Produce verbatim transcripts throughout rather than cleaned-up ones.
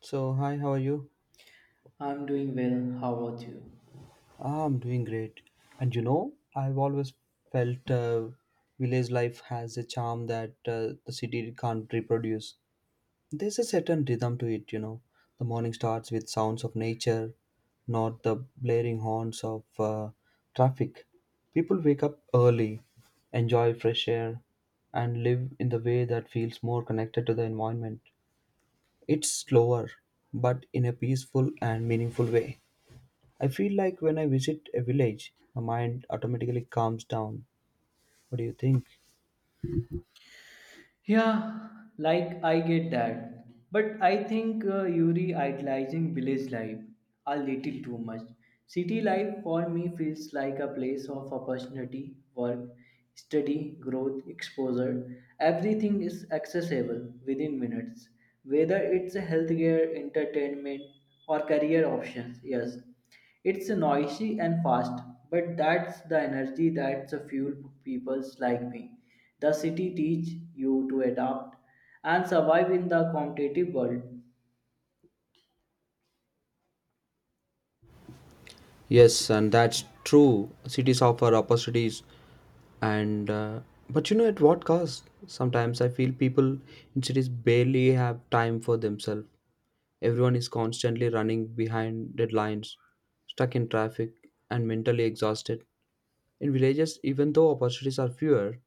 So, hi, how are you? I'm doing well. How about you? Ah, I'm doing great. And you know, I've always felt uh, village life has a charm that uh, the city can't reproduce. There's a certain rhythm to it, you know. The morning starts with sounds of nature, not the blaring horns of uh, traffic. People wake up early, enjoy fresh air, and live in the way that feels more connected to the environment. It's slower, but in a peaceful and meaningful way. I feel like when I visit a village, my mind automatically calms down. What do you think? Yeah, like I get that. But I think uh, Yuri idealizing village life a little too much. City life for me feels like a place of opportunity, work, study, growth, exposure. Everything is accessible within minutes, whether it's healthcare, entertainment, or career options. Yes, it's noisy and fast, but that's the energy that's a fuel people like me. The city teach you to adapt and survive in the competitive world. Yes, and that's true. Cities offer opportunities, and uh, but you know at what cost? Sometimes I feel people in cities barely have time for themselves. Everyone is constantly running behind deadlines, stuck in traffic, and mentally exhausted. In villages, even though opportunities are fewer,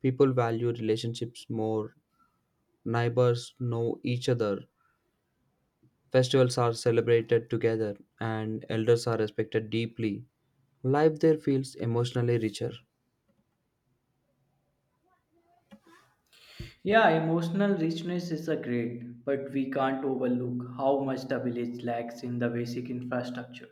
people value relationships more. Neighbors know each other, festivals are celebrated together, and elders are respected deeply. Life there feels emotionally richer. Yeah, emotional richness is a great, but we can't overlook how much the village lacks in the basic infrastructure.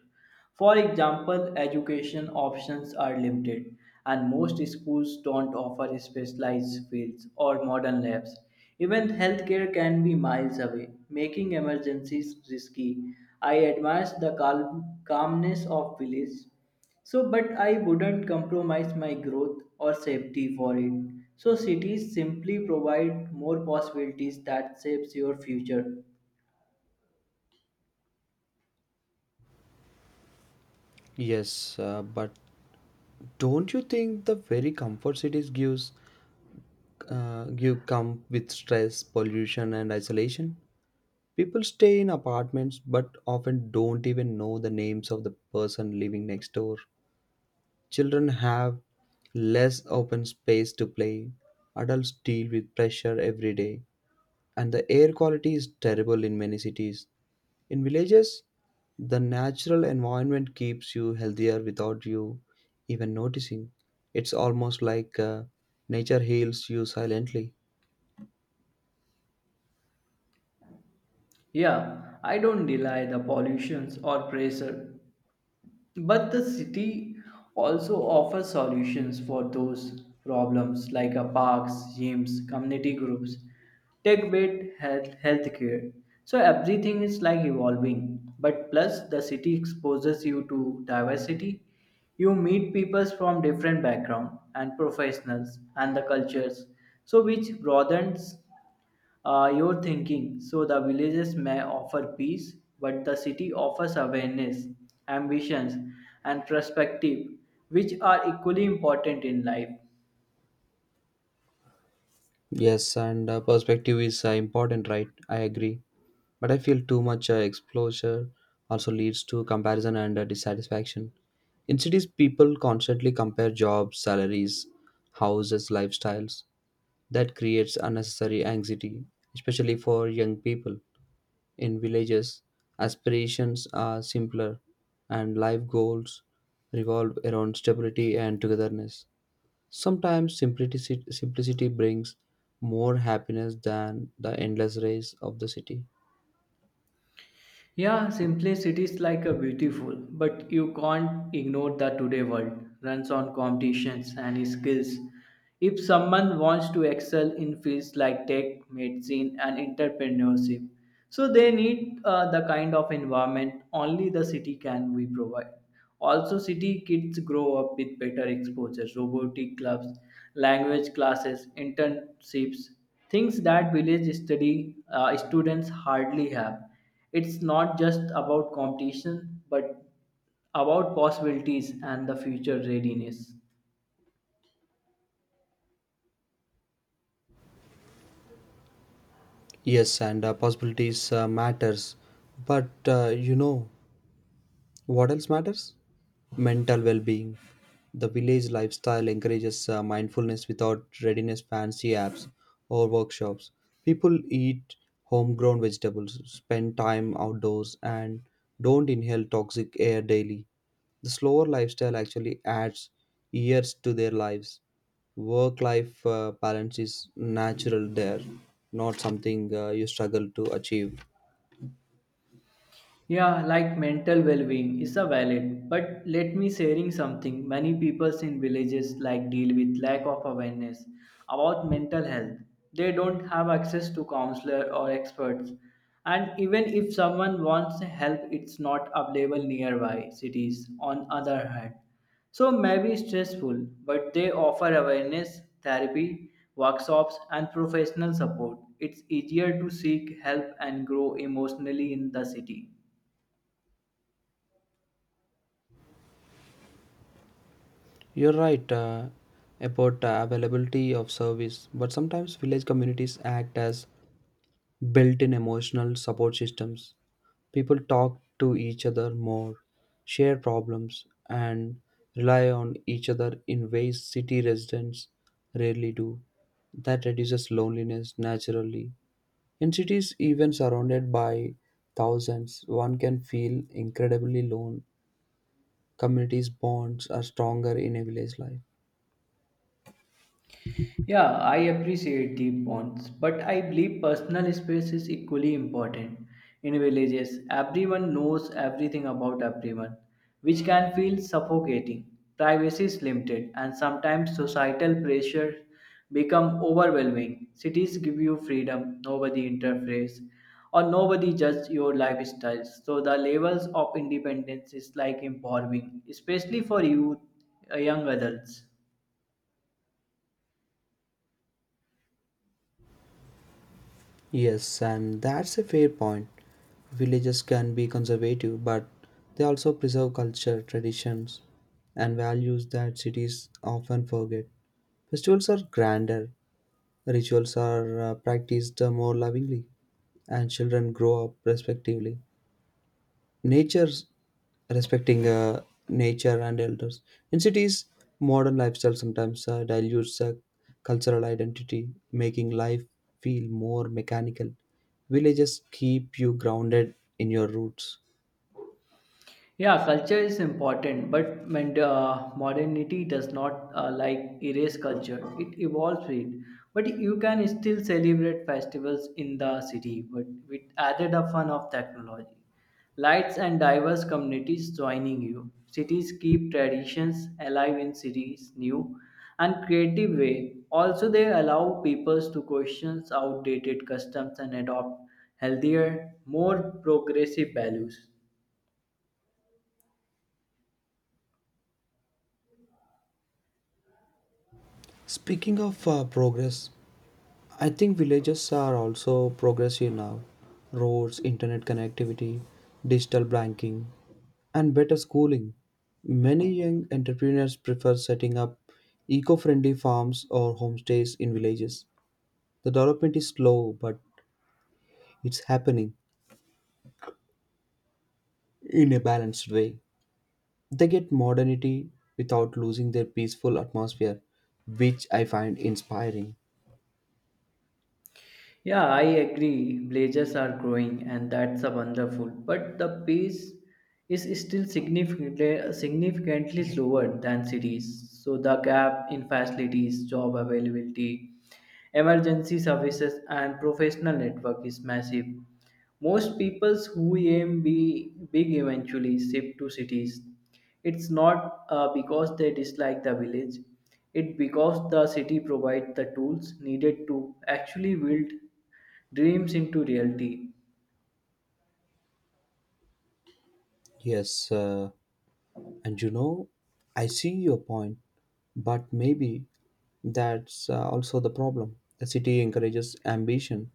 For example, education options are limited, and most schools don't offer specialized fields or modern labs. Even healthcare can be miles away, making emergencies risky. I admire the calm, calmness of village. So, but I wouldn't compromise my growth or safety for it. So, cities simply provide more possibilities that shapes your future. Yes, uh, but don't you think the very comfort cities gives uh, give come with stress, pollution, and isolation? People stay in apartments, but often don't even know the names of the person living next door. Children have less open space to play. Adults deal with pressure every day, and the air quality is terrible in many cities. In villages, the natural environment keeps you healthier without you even noticing. It's almost like uh, nature heals you silently. Yeah, I don't deny the pollutions or pressure, but the city also offers solutions for those problems like a parks, gyms, community groups, tech based health healthcare. So everything is like evolving. But plus the city exposes you to diversity. You meet people from different background and professionals and the cultures. So which broadens uh, your thinking, so the villages may offer peace, but the city offers awareness, ambitions, and perspective, which are equally important in life. Yes, and uh, perspective is uh, important, right? I agree. But I feel too much uh, exposure also leads to comparison and uh, dissatisfaction. In cities, people constantly compare jobs, salaries, houses, lifestyles. That creates unnecessary anxiety, especially for young people. In villages, aspirations are simpler and life goals revolve around stability and togetherness. Sometimes simplicity, simplicity brings more happiness than the endless race of the city. Yeah, simplicity is like a beautiful, but you can't ignore that today world runs on competitions and skills. If someone wants to excel in fields like tech, medicine, and entrepreneurship, so they need uh, the kind of environment only the city can we provide. Also, city kids grow up with better exposure, robotic clubs, language classes, internships, things that village study uh, students hardly have. It's not just about competition, but about possibilities and the future readiness. Yes, and uh, possibilities uh, matters, but uh, you know, what else matters? Mental well being. The village lifestyle encourages uh, mindfulness without readiness fancy apps or workshops. People eat homegrown vegetables, spend time outdoors, and don't inhale toxic air daily. The slower lifestyle actually adds years to their lives. Work life uh, balance is natural there, not something uh, you struggle to achieve. Yeah, like mental well-being is a valid, but let me sharing something. Many peoples in villages like deal with lack of awareness about mental health. They don't have access to counselor or experts. And even if someone wants help, it's not available nearby cities on other hand. So maybe stressful, but they offer awareness, therapy, workshops and professional support. It's easier to seek help and grow emotionally in the city. You're right uh, about uh, availability of service, but sometimes village communities act as built in emotional support systems. People talk to each other more, share problems, and rely on each other in ways city residents rarely do. That reduces loneliness naturally. In cities, even surrounded by thousands, one can feel incredibly lone. Communities' bonds are stronger in a village life. Yeah, I appreciate deep bonds, but I believe personal space is equally important. In villages, everyone knows everything about everyone, which can feel suffocating. Privacy is limited, and sometimes societal pressures become overwhelming. Cities give you freedom, nobody interferes, or nobody judges your lifestyles. So the levels of independence is like empowering, especially for youth, uh, young adults. Yes, and that's a fair point. Villages can be conservative, but they also preserve culture, traditions, and values that cities often forget. Festivals are grander, rituals are uh, practiced more lovingly, and children grow up respectively nature's respecting uh, nature and elders. In cities, modern lifestyle sometimes uh, dilutes uh, cultural identity, making life feel more mechanical. Villages keep you grounded in your roots. Yeah, culture is important, but men- uh, modernity does not uh, like erase culture. It evolves it. But you can still celebrate festivals in the city, but with added a fun of technology, lights and diverse communities joining you. Cities keep traditions alive in cities new and creative way. Also, they allow peoples to question outdated customs and adopt healthier, more progressive values. Speaking of uh, progress, I think villages are also progressive now. Roads, internet connectivity, digital banking, and better schooling. Many young entrepreneurs prefer setting up eco friendly farms or homestays in villages. The development is slow, but it's happening in a balanced way. They get modernity without losing their peaceful atmosphere, which I find inspiring. Yeah, I agree. Blazers are growing, and that's a wonderful. But the pace is still significantly significantly slower than cities. So the gap in facilities, job availability, emergency services, and professional network is massive. Most peoples who aim be big eventually shift to cities. It's not uh, because they dislike the village, it because the city provides the tools needed to actually build dreams into reality. Yes, uh, and you know, I see your point, but maybe that's uh, also the problem. The city encourages ambition,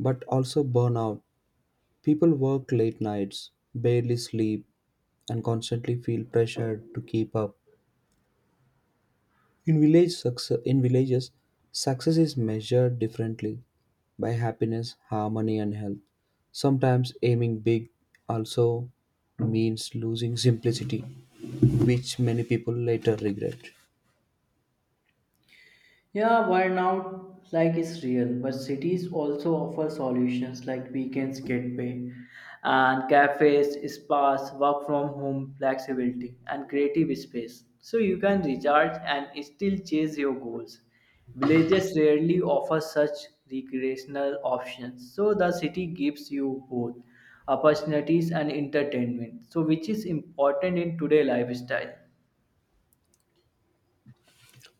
but also burnout. People work late nights, barely sleep, and constantly feel pressured to keep up. In village success, in villages, success is measured differently by happiness, harmony, and health. Sometimes aiming big also means losing simplicity, which many people later regret. Yeah, burnout like is real, but cities also offer solutions like weekends get pay, and cafes, spas, work from home, flexibility, and creative space. So you can recharge and still chase your goals. Villages rarely offer such recreational options, so the city gives you both opportunities and entertainment. So which is important in today's lifestyle.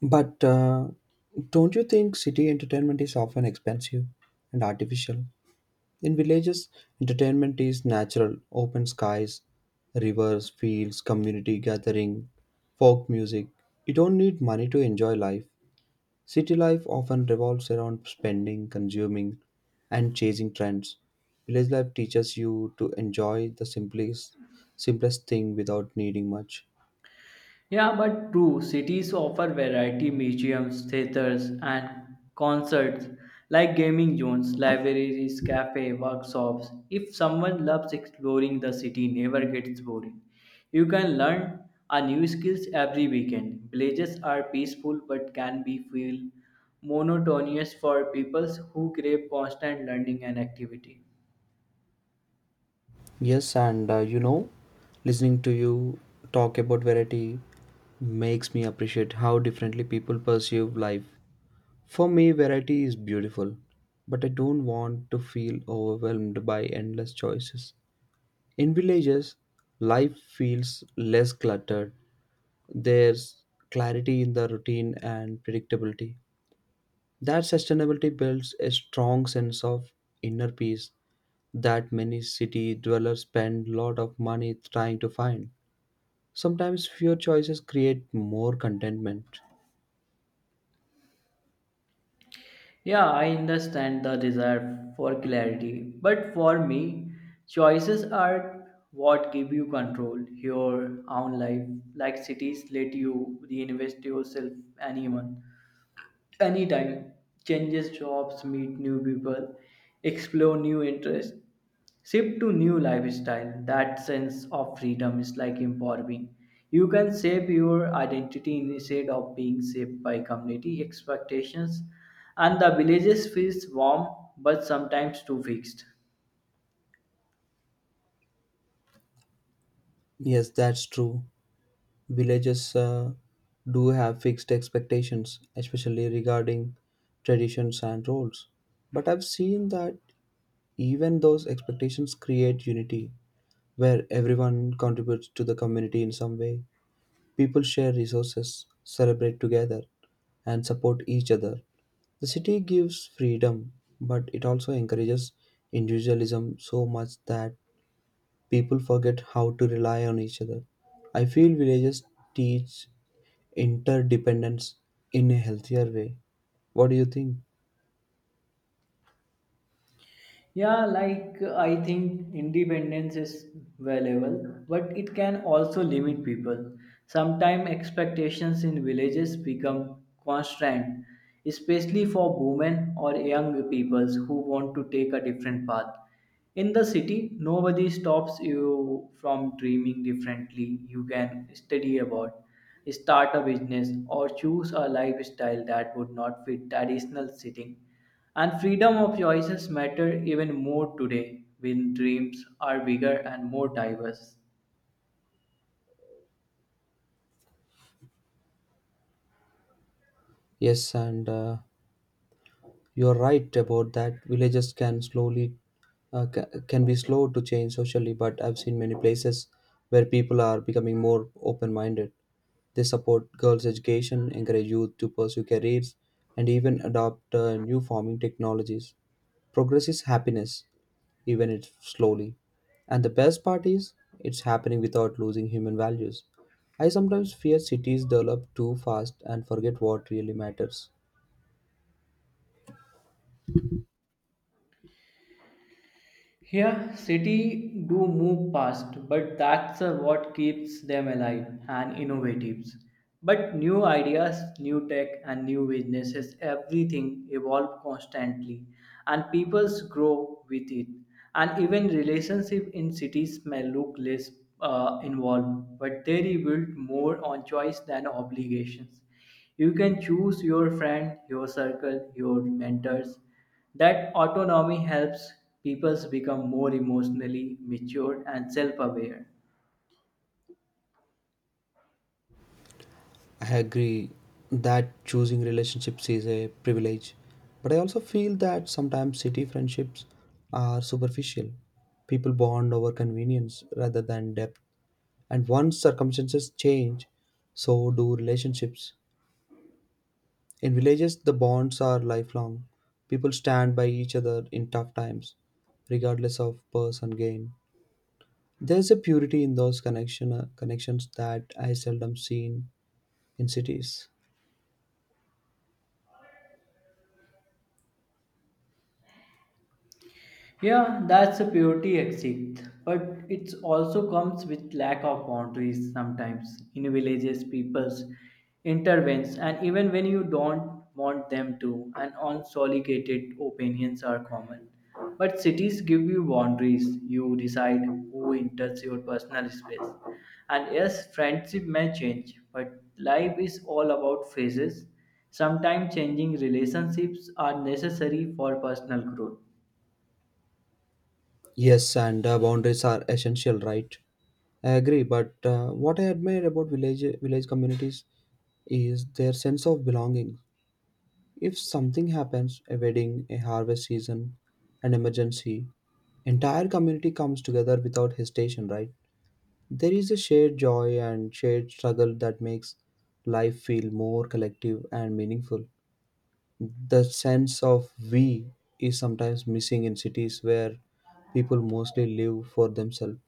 But uh, don't you think city entertainment is often expensive and artificial? In villages, entertainment is natural: open skies, rivers, fields, community gathering, folk music. You don't need money to enjoy life. City life often revolves around spending, consuming, and chasing trends. Village life teaches you to enjoy the simplest, simplest thing without needing much. Yeah, but true, cities offer variety museums, theaters, and concerts like gaming zones, libraries, cafe, workshops. If someone loves exploring the city, never gets boring. You can learn a new skills every weekend. Villages are peaceful but can be feel monotonous for people who crave constant learning and activity. Yes, and uh, you know, listening to you talk about variety makes me appreciate how differently people perceive life. For me, variety is beautiful, but I don't want to feel overwhelmed by endless choices. In villages, life feels less cluttered. There's clarity in the routine and predictability. That sustainability builds a strong sense of inner peace that many city dwellers spend a lot of money trying to find. Sometimes fewer choices create more contentment. Yeah, I understand the desire for clarity, but for me, choices are what give you control your own life. Like cities let you reinvest yourself anyone anytime changes jobs meet new people explore new interests shift to new lifestyle that sense of freedom is like empowering. You can shape your identity instead of being shaped by community expectations and the villages feels warm but sometimes too fixed. Yes, that's true. Villages uh, do have fixed expectations, especially regarding traditions and roles. But I've seen that even those expectations create unity, where everyone contributes to the community in some way. People share resources, celebrate together, and support each other. The city gives freedom, but it also encourages individualism so much that people forget how to rely on each other. I feel villages teach interdependence in a healthier way. What do you think? Yeah, like uh, I think independence is valuable, but it can also limit people. Sometimes expectations in villages become constant, especially for women or young peoples who want to take a different path. In the city, nobody stops you from dreaming differently. You can study about, start a business, or choose a lifestyle that would not fit traditional setting and freedom of choices matter even more today when dreams are bigger and more diverse. Yes, and uh, you're right about that. Villages can slowly uh, ca- can be slow to change socially, but I've seen many places where people are becoming more open-minded. They support girls' education, encourage youth to pursue careers, and even adopt uh, new farming technologies. Progress is happiness, even if slowly. And the best part is, it's happening without losing human values. I sometimes fear cities develop too fast and forget what really matters. Here, city do move past, but that's uh, what keeps them alive and innovative. But new ideas, new tech, and new businesses, everything evolve constantly, and peoples grow with it. And even relationship in cities may look less uh, involved, but they rebuild more on choice than obligations. You can choose your friend, your circle, your mentors. That autonomy helps people become more emotionally mature and self aware. I agree that choosing relationships is a privilege, but I also feel that sometimes city friendships are superficial. People bond over convenience rather than depth, and once circumstances change, so do relationships. In villages, the bonds are lifelong. People stand by each other in tough times, regardless of purse and gain. There's a purity in those connection, uh, connections that I seldom seen in cities. Yeah, that's a purity exit, but it also comes with lack of boundaries sometimes in villages, people's intervenes, and even when you don't want them to, and unsolicated opinions are common. But cities give you boundaries. You decide who enters your personal space. And yes, friendship may change, but life is all about phases. Sometimes changing relationships are necessary for personal growth. Yes, and uh, boundaries are essential, right? I agree, but uh, what I admire about village village communities is their sense of belonging. If something happens, a wedding, a harvest season, an emergency, entire community comes together without hesitation, right? There is a shared joy and shared struggle that makes life feel more collective and meaningful. The sense of we is sometimes missing in cities where people mostly live for themselves.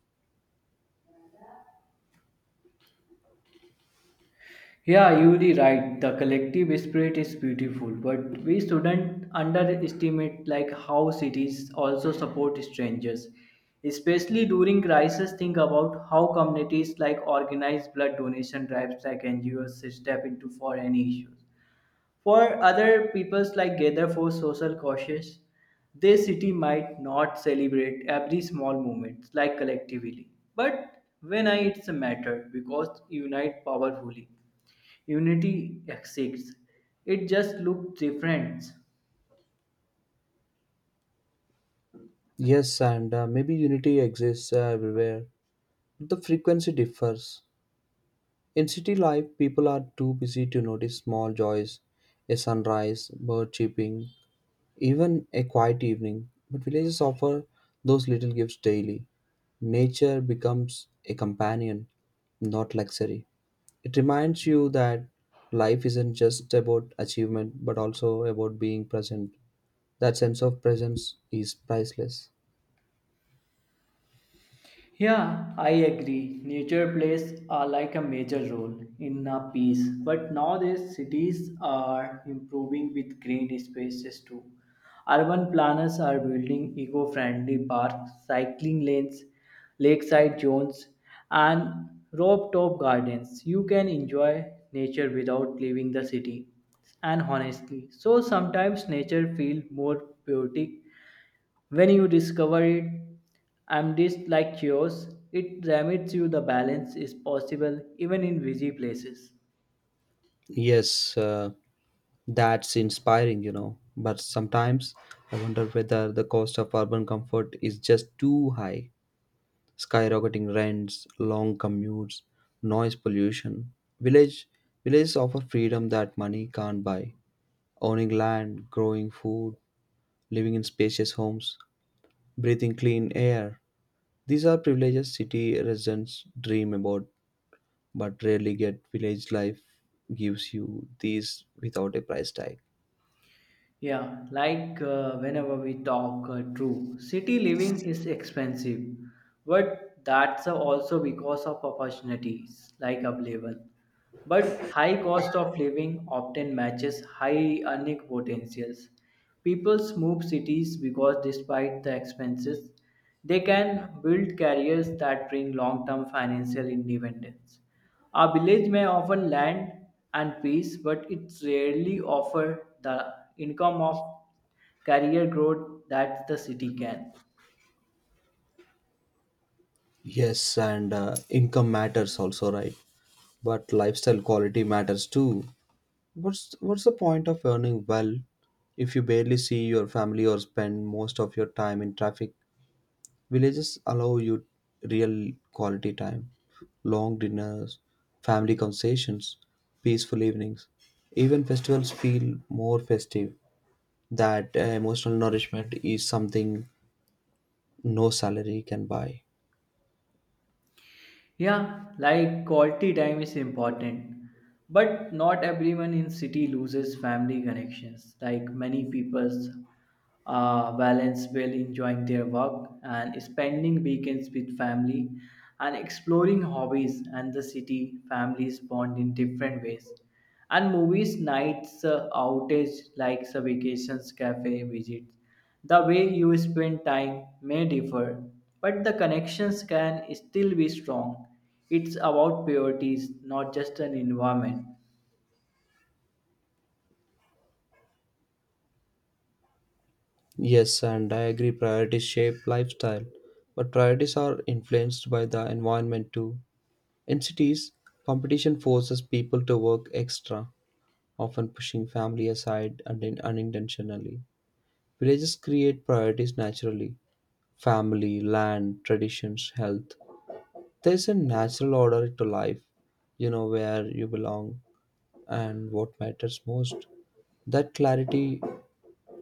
Yeah, you're right. The collective spirit is beautiful, but we shouldn't underestimate like how cities also support strangers. Especially during crisis, think about how communities like organized blood donation drives like N G Os step into for any issues. For other peoples like gather for social causes, their city might not celebrate every small moment like collectively. But when I it's a matter because unite powerfully. Unity exists. It just looks different. Yes, and uh, maybe unity exists uh, everywhere. The frequency differs. In city life, people are too busy to notice small joys, a sunrise, bird chirping, even a quiet evening. But villages offer those little gifts daily. Nature becomes a companion, not luxury. It reminds you that life isn't just about achievement, but also about being present. That sense of presence is priceless. Yeah, I agree. Nature plays are like a major role in a peace, but nowadays cities are improving with green spaces too. Urban planners are building eco-friendly parks, cycling lanes, lakeside zones, and rooftop gardens. You can enjoy nature without leaving the city. And honestly, so sometimes nature feels more poetic when you discover it, I'm just like yours. It remits you the balance is possible even in busy places. Yes. Uh, That's inspiring, you know. But sometimes I wonder whether the cost of urban comfort is just too high. Skyrocketing rents, long commutes, noise pollution. Village Villages offer freedom that money can't buy. Owning land, growing food, living in spacious homes, breathing clean air. These are privileges city residents dream about, but rarely get. Village life gives you these without a price tag. Yeah, like uh, whenever we talk, uh, true. City living is expensive, but that's also because of opportunities like available. But high cost of living often matches high earning potentials. People move cities because despite the expenses, they can build careers that bring long-term financial independence. A village may offer land and peace, but it rarely offers the income of career growth that the city can. Yes, and uh, income matters also, right? But lifestyle quality matters too. What's what's the point of earning well if you barely see your family or spend most of your time in traffic? Villages allow you real quality time, long dinners, family conversations, peaceful evenings. Even festivals feel more festive. That uh, emotional nourishment is something no salary can buy. Yeah, like quality time is important, but not everyone in city loses family connections. Like many people's uh, balance well enjoying their work and spending weekends with family and exploring hobbies and the city families bond in different ways. And movies nights, uh, outage like uh, vacations, cafe visits. The way you spend time may differ, but the connections can still be strong. It's about priorities, not just an environment. Yes, and I agree priorities shape lifestyle, but priorities are influenced by the environment too. In cities, competition forces people to work extra, often pushing family aside and in- unintentionally. Villages create priorities naturally: family, land, traditions, health. There's a natural order to life, you know, where you belong and what matters most. That clarity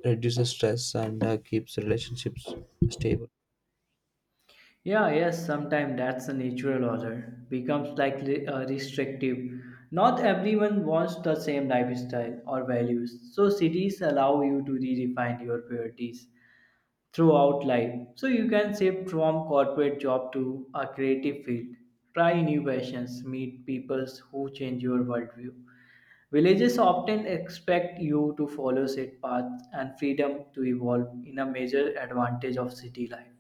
reduces stress and uh, keeps relationships stable. Yeah, yes, sometimes that's the natural order. Becomes like li- uh, restrictive. Not everyone wants the same lifestyle or values, so cities allow you to redefine your priorities throughout life. So you can shift from corporate job to a creative field. Try new passions, meet people who change your worldview. Villages often expect you to follow set paths and freedom to evolve in a major advantage of city life.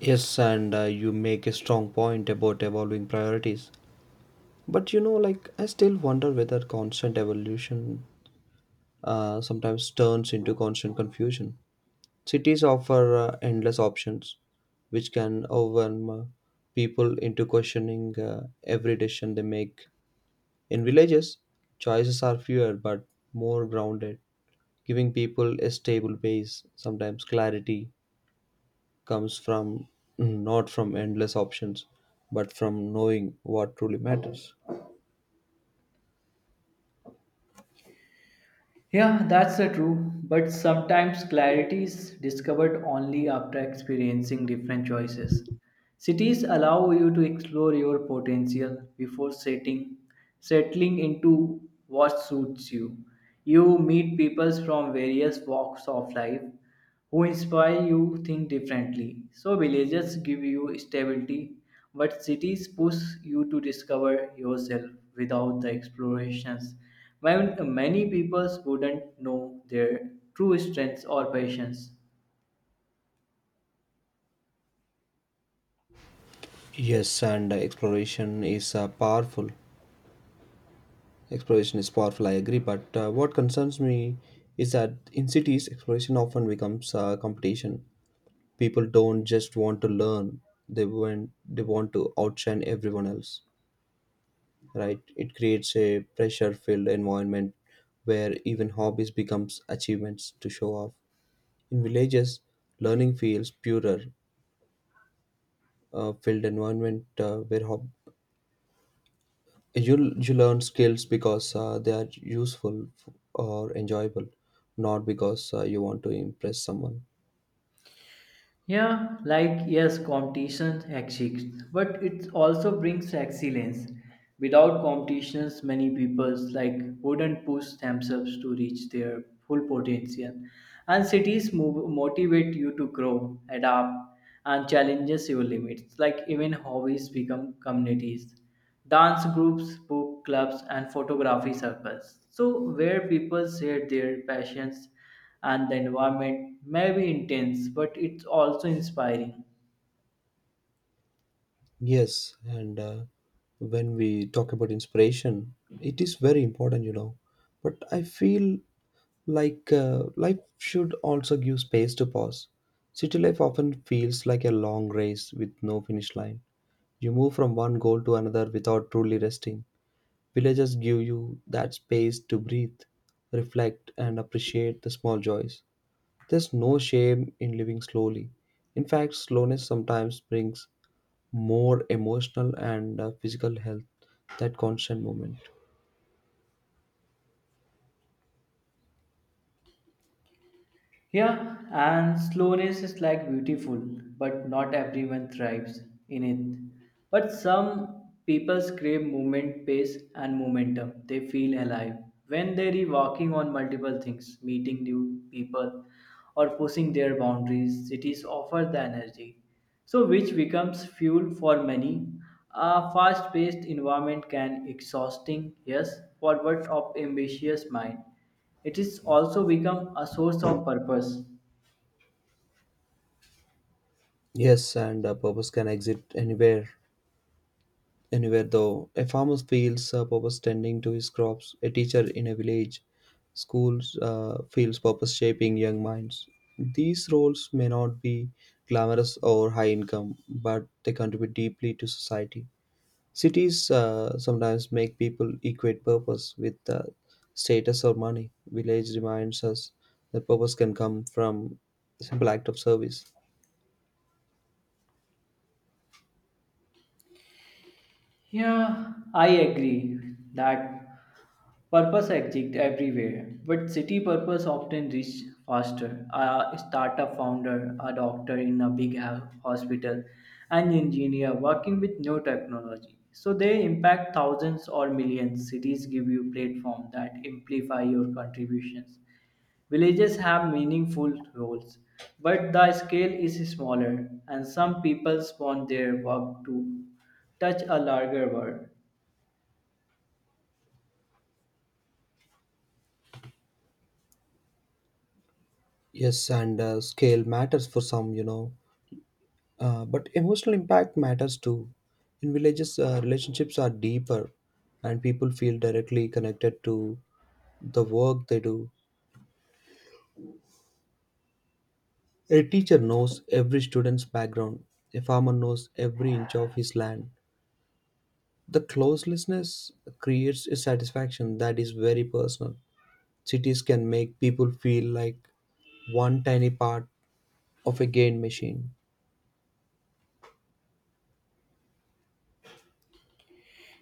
Yes, and uh, you make a strong point about evolving priorities. But you know, like, I still wonder whether constant evolution uh, sometimes turns into constant confusion. Cities offer uh, endless options, which can overwhelm uh, people into questioning uh, every decision they make. In villages, choices are fewer but more grounded, giving people a stable base. Sometimes clarity comes from, not from endless options, but from knowing what truly matters. Yeah, that's uh, true. But sometimes clarity is discovered only after experiencing different choices. Cities allow you to explore your potential before setting, settling into what suits you. You meet people from various walks of life who inspire you think differently. So villages give you stability but cities push you to discover yourself without the explorations. When many people wouldn't know their true strengths or passions. Yes and exploration is uh, powerful exploration is powerful I agree, but uh, what concerns me is that in cities exploration often becomes uh, competition. People don't just want to learn, they want they want to outshine everyone else, right? It creates a pressure filled environment where even hobbies becomes achievements to show off. In villages, learning feels purer. Uh, filled environment uh, where hob- you you learn skills because uh, they are useful f- or enjoyable, not because uh, you want to impress someone. Yeah, like yes, competition exists, but it also brings excellence. Without competitions, many people like wouldn't push themselves to reach their full potential. And cities move, motivate you to grow, adapt, and challenges your limits. Like even hobbies become communities, dance groups, book clubs, and photography circles. So where people share their passions and the environment may be intense, but it's also inspiring. Yes, and uh, when we talk about inspiration, it is very important, you know. But I feel like uh, life should also give space to pause. City life often feels like a long race with no finish line. You move from one goal to another without truly resting. Villages give you that space to breathe, reflect, and appreciate the small joys. There's no shame in living slowly. In fact, slowness sometimes brings more emotional and uh, physical health, that constant movement. Yeah, and slowness is like beautiful, but not everyone thrives in it. But some people crave movement, pace, and momentum. They feel alive when they are walking on multiple things, meeting new people, or pushing their boundaries. Cities offer the energy, so which becomes fuel for many. A fast-paced environment can exhausting, yes, forward of ambitious mind. It is also become a source of purpose. Yes, and uh, purpose can exist anywhere anywhere though. A farmer feels a purpose tending to his crops, a teacher in a village, schools uh, feels purpose shaping young minds. These roles may not be glamorous or high income, but they contribute deeply to society. Cities uh, sometimes make people equate purpose with uh, status or money. Village reminds us that purpose can come from simple act of service. Yeah, I agree that purpose exists everywhere, but city purpose often reach faster. A startup founder, a doctor in a big ho- hospital, an engineer working with new technology. So they impact thousands or millions. Cities give you platform that amplify your contributions. Villages have meaningful roles, but the scale is smaller, and some people want their work too touch a larger world. Yes, and uh, scale matters for some, you know. Uh, but emotional impact matters too. In villages, uh, relationships are deeper and people feel directly connected to the work they do. A teacher knows every student's background, a farmer knows every inch of his land. The closelessness creates a satisfaction that is very personal. Cities can make people feel like one tiny part of a gain machine.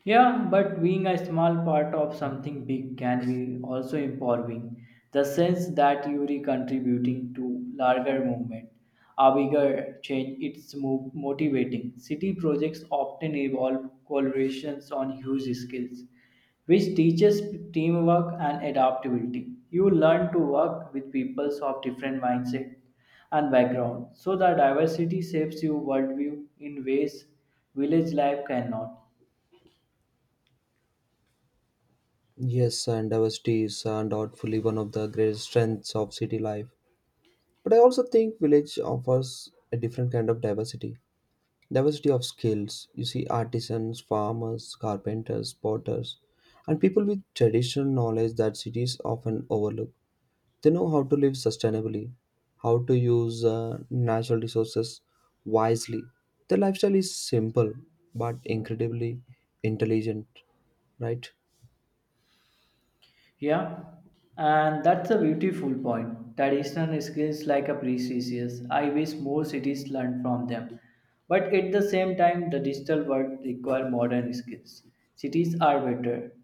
Yeah, but being a small part of something big can be also empowering. The sense that you are contributing to larger movement, a bigger change, it's mo- motivating. City projects often involve collaborations on huge scales, which teaches teamwork and adaptability. You learn to work with people of different mindset and background, so the diversity shapes your worldview in ways village life cannot. Yes, and diversity is undoubtedly one of the greatest strengths of city life. But I also think village offers a different kind of diversity. Diversity of skills. You see artisans, farmers, carpenters, potters, and people with traditional knowledge that cities often overlook. They know how to live sustainably, how to use uh, natural resources wisely. Their lifestyle is simple but incredibly intelligent, right? Yeah, and that's a beautiful point. Traditional skills like a precious. I wish more cities learn from them. But at the same time, the digital world require modern skills. Cities are better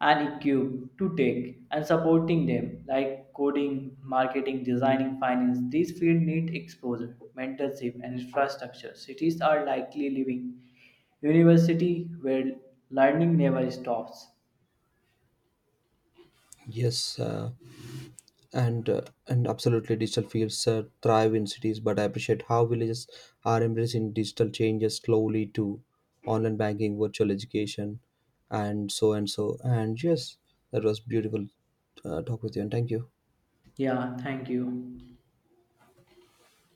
and equipped to take and supporting them like coding, marketing, designing, finance. These fields need exposure, mentorship, and infrastructure. Cities are likely living university where learning never stops. Yes, uh, and uh, and absolutely, digital fields uh, thrive in cities, but I appreciate how villages are embracing digital changes slowly to online banking, virtual education, and so and so. And yes, that was beautiful uh, talk with you, and thank you. Yeah, thank you.